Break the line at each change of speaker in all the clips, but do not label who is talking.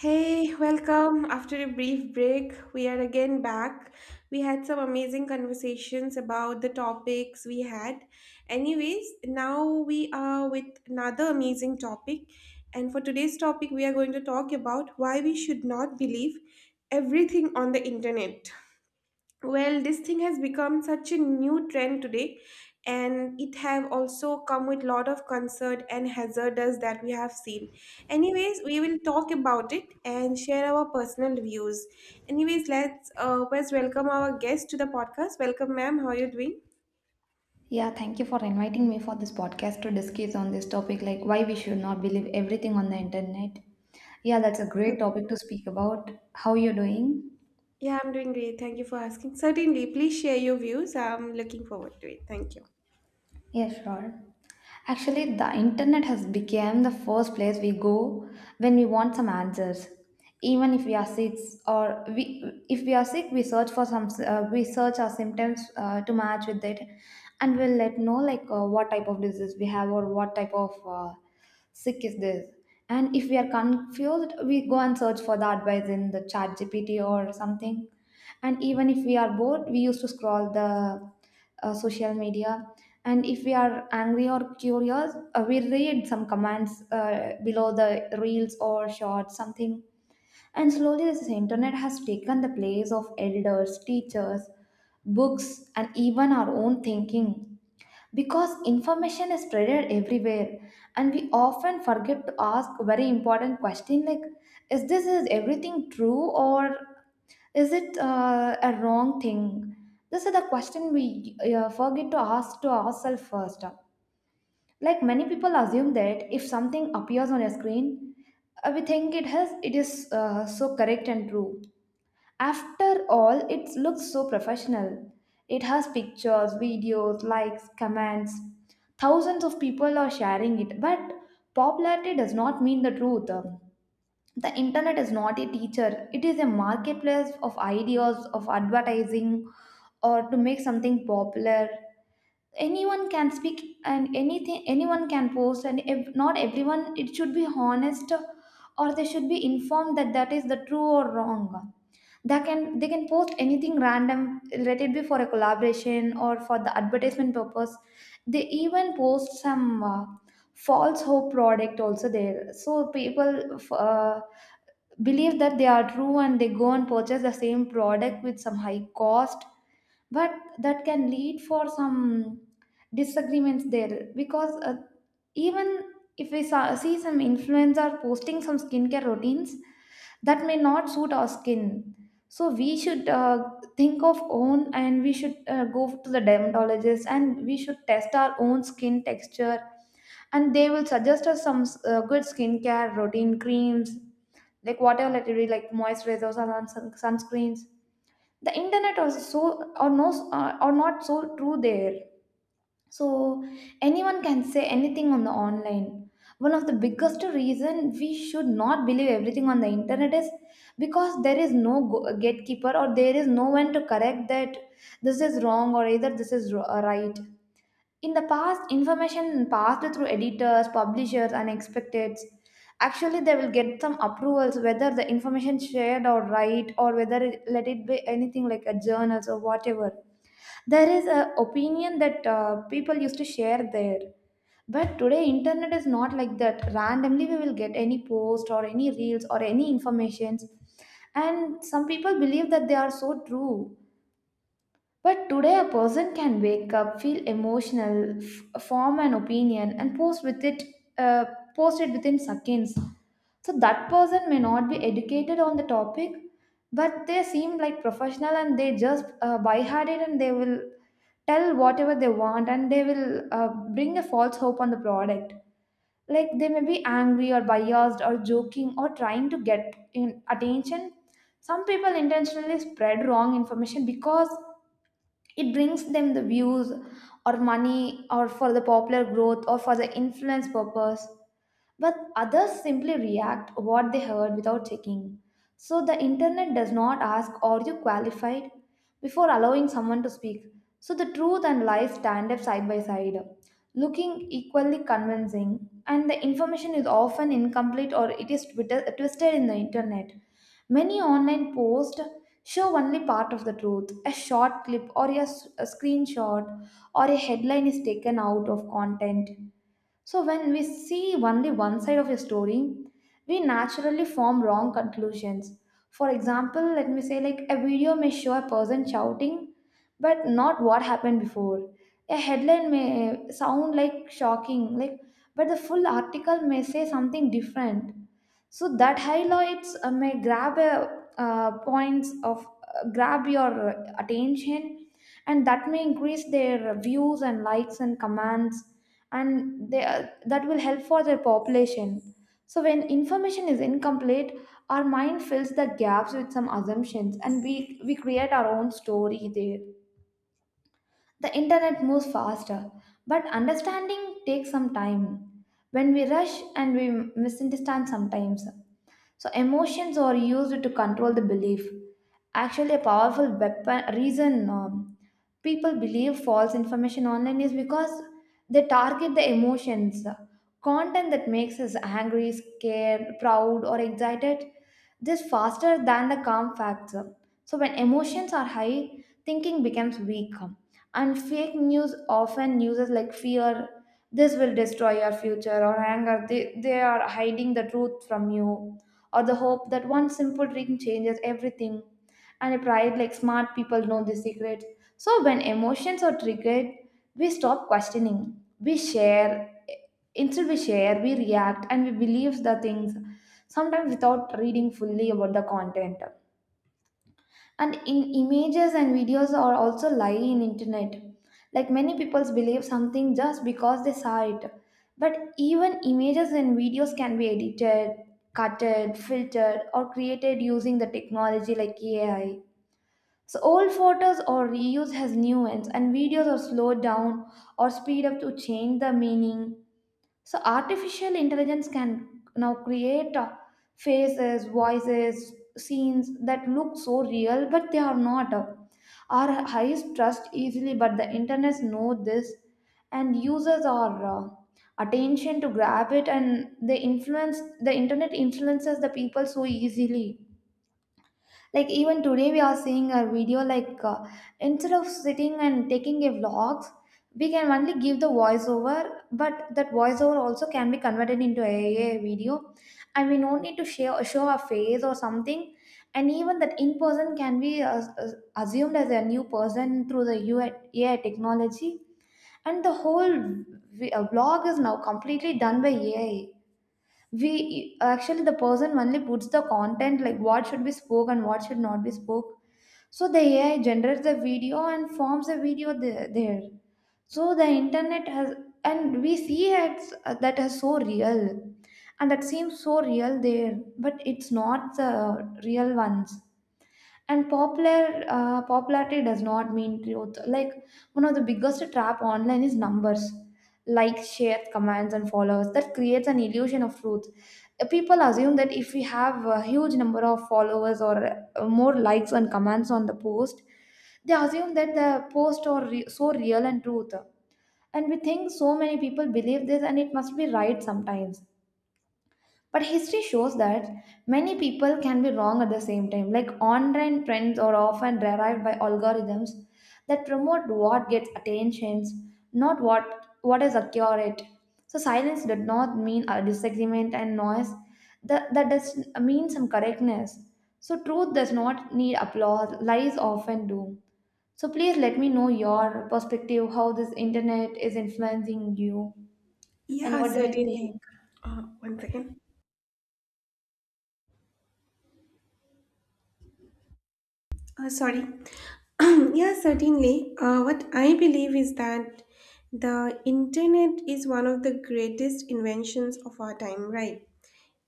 Hey, welcome. After a brief break, we are again back. We had some amazing conversations about the topics we had. Anyways, now we are with another amazing topic. And for today's topic, we are going to talk about why we should not believe everything on the internet. Well, this thing has become such a new trend today, and it have also come with lot of concert and hazardous that we have seen. Anyways, we will talk about it and share our personal views. Anyways, let's first welcome our guest to the podcast. Welcome, ma'am, how are you doing?
Yeah, thank you for inviting me for this podcast to discuss on this topic like why we should not believe everything on the internet. Yeah, that's a great topic to
Certainly.
speak about. How you're doing?
Yeah, I'm doing great, thank you for asking. Certainly, please share your views, I'm looking forward to it. Thank you.
Yeah, sure. Actually, the internet has become the first place we go when we want some answers. Even if we are sick or we if we are sick, we search for some we search our symptoms to match with it, and we'll let know like what type of disease we have or what type of sick is this. And if we are confused, we go and search for the advice in the chat gpt or something. And even if we are bored, we used to scroll the social media. And if we are angry or curious, we read some comments below the reels or shorts something. And slowly this internet has taken the place of elders, teachers, books and even our own thinking, because information is spreaded everywhere, and we often forget to ask very important question like, is this, is everything true, or is it a wrong thing? This is the question we forget to ask to ourselves first. Like, many people assume that if something appears on a screen, we think it is so correct and true. After all, it looks so professional. It has pictures, videos, likes, comments. Thousands of people are sharing it, but popularity does not mean the truth. The internet is not a teacher, it is a marketplace of ideas, of advertising, or to make something popular. Anyone can speak and anything, anyone can post, and if not everyone, it should be honest, or they should be informed that that is the true or wrong. They can, they can post anything random, let it be for a collaboration or for the advertisement purpose. They even post some false hope product also there, so people, uh, believe that they are true and they go and purchase the same product with some high cost. But that can lead for some disagreements there, because even if we see some influencer posting some skincare routines that may not suit our skin. So we should think of own, and we should go to the dermatologist and we should test our own skin texture, and they will suggest us some good skincare routine creams, like whatever, like, really, like moisturizers or sun, sunscreens. The internet also so, or no, or not so true there. So anyone can say anything on the online. One of the biggest reason we should not believe everything on the internet is because there is no gatekeeper, or there is no one to correct that this is wrong or either this is right. In the past, information passed through editors, publishers, and expecteds. Actually, they will get some approvals whether the information shared or right, or whether it, let it be anything like a journals or whatever. There is a opinion that people used to share there. But today, internet is not like that. Randomly, we will get any post or any reels or any informations, and some people believe that they are so true. But today, a person can wake up, feel emotional, form an opinion, and post with it, uh, post it within seconds. So that person may not be educated on the topic, but they seem like professional and they just buy hard it, and they will tell whatever they want and they will bring a false hope on the product. Like they may be angry or biased or joking or trying to get in attention. Some people intentionally spread wrong information because it brings them the views or money or for the popular growth or for the influence purpose. But others simply react what they heard without checking. So the internet does not ask, are you qualified, before allowing someone to speak. So the truth and lies stand up side by side, looking equally convincing. And the information is often incomplete or it is twisted in the internet. Many online posts show only part of the truth, a short clip or a screenshot or a headline is taken out of content. So, when we see only one side of a story, we naturally form wrong conclusions. For example, let me say, like a video may show a person shouting, but not what happened before. A headline may sound like shocking, like, but the full article may say something different. So that highlights may grab a points of grab your attention, and that may increase their views and likes and comments, and they, that will help for their population. So when information is incomplete, our mind fills the gaps with some assumptions, and we create our own story there. The internet moves faster, but understanding takes some time. When we rush, and we misunderstand sometimes. So emotions are used to control the belief. Actually, a powerful weapon reason people believe false information online is because they target the emotions. Content that makes us angry, scared, proud, or excited this faster than the calm facts. So when emotions are high, thinking becomes weak. And fake news often uses like fear, this will destroy your future, or anger. They are hiding the truth from you, or the hope that one simple drink changes everything. And a pride, like smart people know the secrets. So when emotions are triggered, we stop questioning. We share. Instead, we share, we react, and we believe the things, sometimes without reading fully about the content. And in images and videos are also lie in internet. Like many people believe something just because they saw it, but even images and videos can be edited, cutted, filtered or created using the technology like AI. So old photos are reused as new ones, and videos are slowed down or speed up to change the meaning. So artificial intelligence can now create faces, voices, scenes that look so real, but they are not. Our eyes trust easily, but the internet know this, and users are attention to grab it, and they influence, the internet influences the people so easily. Like even today we are seeing a video like, instead of sitting and taking a vlogs, we can only give the voiceover, but that voiceover also can be converted into a video, and we don't need to share, show our face or something. And even that in person can be assumed as a new person through the UI, AI technology. And the whole vlog is now completely done by AI. We actually, the person only puts the content, like what should be spoke and what should not be spoke. So the AI generates the video and forms the video there. So the internet has, and we see it, that is so real, and that seems so real there, but it's not the real ones. And popular, popularity does not mean truth. Like one of the biggest trap online is numbers, likes, shares, comments, and followers. That creates an illusion of truth. People assume that if we have a huge number of followers, or more likes and comments on the post, they assume that the post are so real and truth. And we think so many people believe this, and it must be right sometimes. But history shows that many people can be wrong at the same time. Like online trends are often derived by algorithms that promote what gets attentions, not what is accurate. So silence did not mean a disagreement and noise. That does mean some correctness. So truth does not need applause. Lies often do. So please let me know your perspective, how this internet is influencing you, and
Yeah,
what do you
certainly.
think?
One second. Sorry. Yeah, certainly. What I believe is that the internet is one of the greatest inventions of our time, right?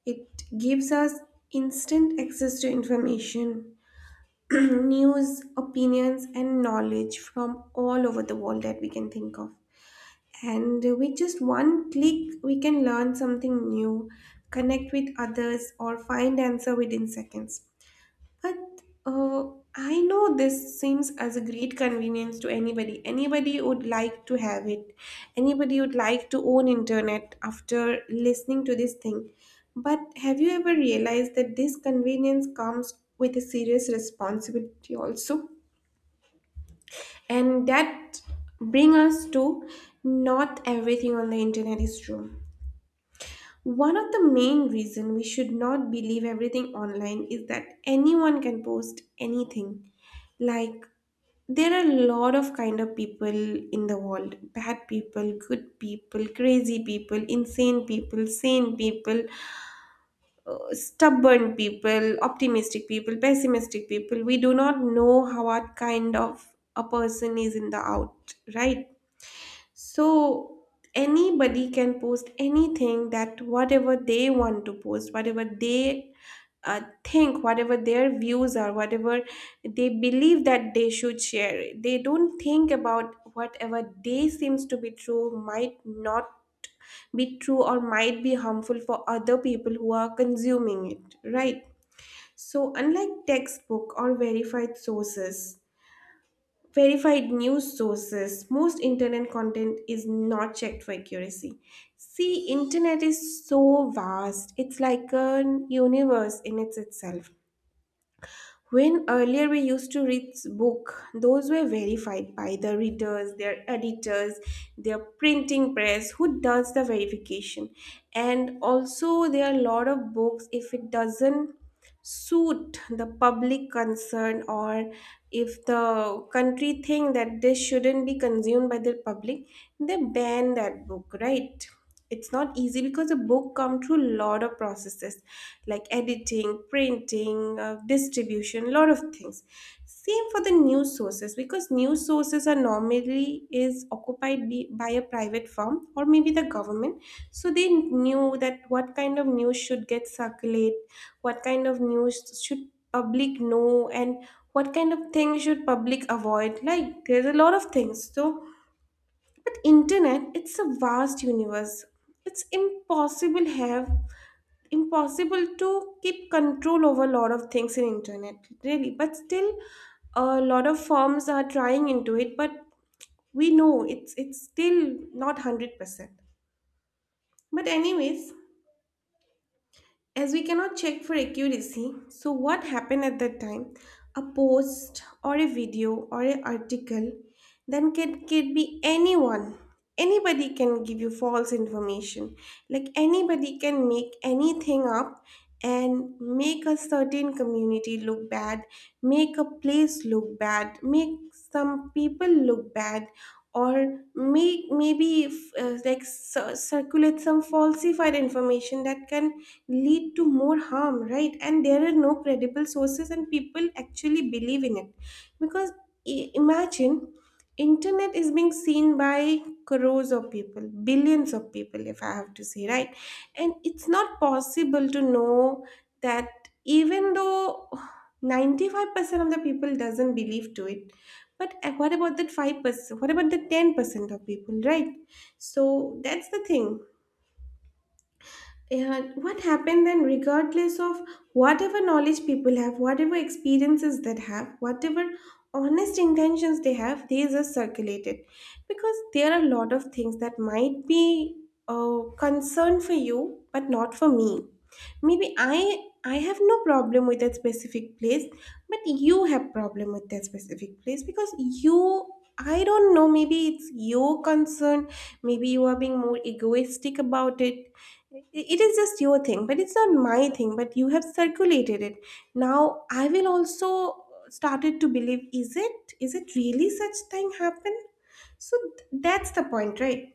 It gives us instant access to information, news, opinions, and knowledge from all over the world that we can think of. And with just one click, we can learn something new, connect with others, or find answer within seconds. But uh, I know this seems as a great convenience to anybody. Anybody would like to have it. Anybody would like to own internet after listening to this thing. But have you ever realized that this convenience comes with a serious responsibility also? And that bring us to not everything on the internet is true. One of the main reason we should not believe everything online is that anyone can post anything. Like, there are a lot of kind of people in the world: bad people, good people, crazy people, insane people, sane people, stubborn people, optimistic people, pessimistic people. We do not know how what kind of a person is in the out, right? So anybody can post anything that whatever they want to post, whatever they think, whatever their views are, whatever they believe that they should share. They don't think about whatever they seems to be true might not be true or might be harmful for other people who are consuming it, right? So unlike textbook or verified sources, verified news sources most internet content is not checked for accuracy. See, internet is so vast, it's like a universe in its itself. When earlier we used to read book, those were verified by the readers, their editors, their printing press who does the verification. And also there are a lot of books, if it doesn't suit the public concern, or if the country think that this shouldn't be consumed by the public, they ban that book, right? It's not easy because a book come through lot of processes, like editing, printing, distribution, lot of things. Same for the news sources, because news sources are normally is occupied by a private firm or maybe the government. So they knew that what kind of news should get circulated, what kind of news should public know, and what kind of things should public avoid, like there's a lot of things. So, but internet, it's a vast universe, it's impossible to keep control over a lot of things in internet, really, but still a lot of firms are trying into it, but we know it's still not 100%. But anyways, as we cannot check for accuracy, so what happened at that time? A post or a video or an article, then can be anyone. Anybody can give you false information. Like anybody can make anything up and make a certain community look bad, make a place look bad, make some people look bad, or make maybe like circulate some falsified information that can lead to more harm, right? And there are no credible sources and people actually believe in it, because imagine, internet is being seen by crores of people, billions of people, if I have to say, right? And it's not possible to know that even though 95% of the people doesn't believe to it, but what about that 5%? What about the 10% of people, right? So that's the thing. Yeah, what happened then, regardless of whatever knowledge people have, whatever experiences that have, whatever honest intentions they have, these are circulated. Because there are a lot of things that might be a concern for you, but not for me. Maybe I have no problem with that specific place, but you have problem with that specific place because you, I don't know, maybe it's your concern, maybe you are being more egoistic about it. It is just your thing, but it's not my thing, but you have circulated it. Now I will also started to believe, is it, is it really such thing happen? So that's the point, right?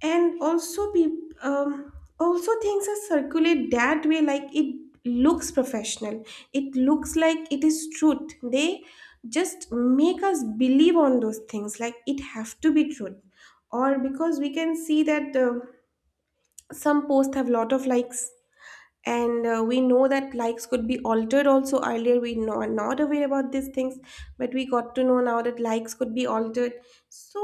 And also people also things are circulate that way, like it looks professional, it looks like it is truth, they just make us believe on those things like it have to be truth. Or because we can see that some posts have lot of likes, and we know that likes could be altered also. Earlier we know are not aware about these things, but we got to know now that likes could be altered. So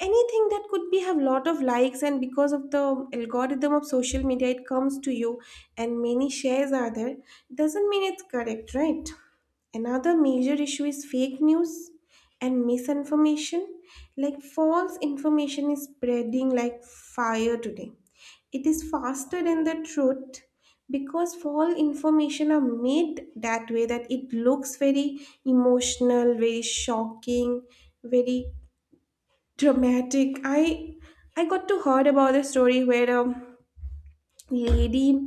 anything that could be have lot of likes, and because of the algorithm of social media it comes to you, and many shares are there, doesn't mean it's correct, right? Another major issue is fake news and misinformation. Like, false information is spreading like fire today. It is faster than the truth because false information are made that way that it looks very emotional, very shocking, very dramatic. I got to heard about a story where lady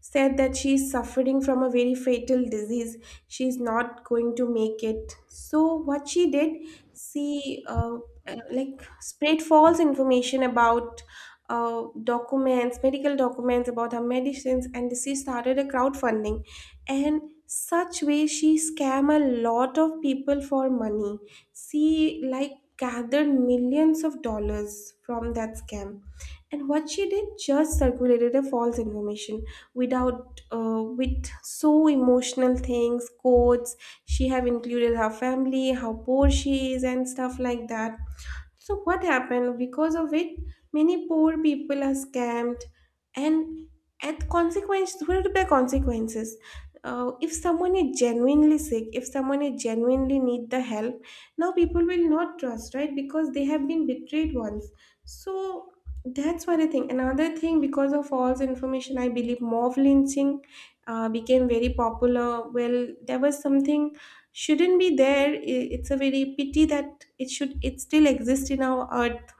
said that she is suffering from a very fatal disease, she is not going to make it. So what she did, she like spread false information about documents, medical documents about her medicines, and she started a crowdfunding, and such way she scam a lot of people for money. She like gathered millions of dollars from that scam. And what she did, just circulated a false information without with so emotional things, quotes. She have included her family, how poor she is, and stuff like that. So, what happened? Because of it, many poor people are scammed, and at consequence, there will be consequences. If someone is genuinely sick, if someone is genuinely need the help, now people will not trust, right? Because they have been betrayed once. So that's one thing. Another thing, because of false information, I believe mob lynching became very popular. Well, there was something shouldn't be there, it's a very pity that it should it still exists in our earth,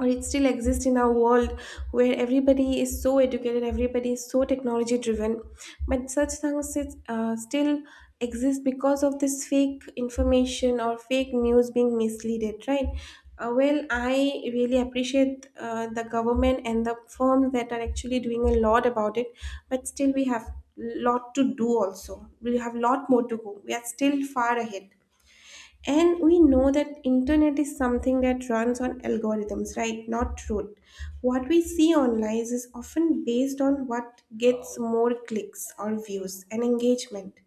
or it still exists in our world, where everybody is so educated, everybody is so technology driven, but such things is, still exist because of this fake information or fake news being misleaded, right? Well, I really appreciate the government and the firms that are actually doing a lot about it, but still we have lot to do also. We have lot more to go. We are still far ahead. And we know that internet is something that runs on algorithms, right, not truth. What we see online is often based on what gets more clicks or views and engagement.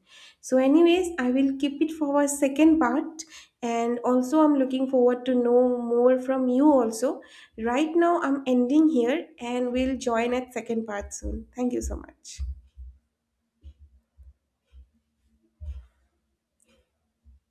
So anyways, I will keep it for our second part, and also I'm looking forward to know more from you also. Right now I'm ending here and we'll join at second part soon. Thank you so much.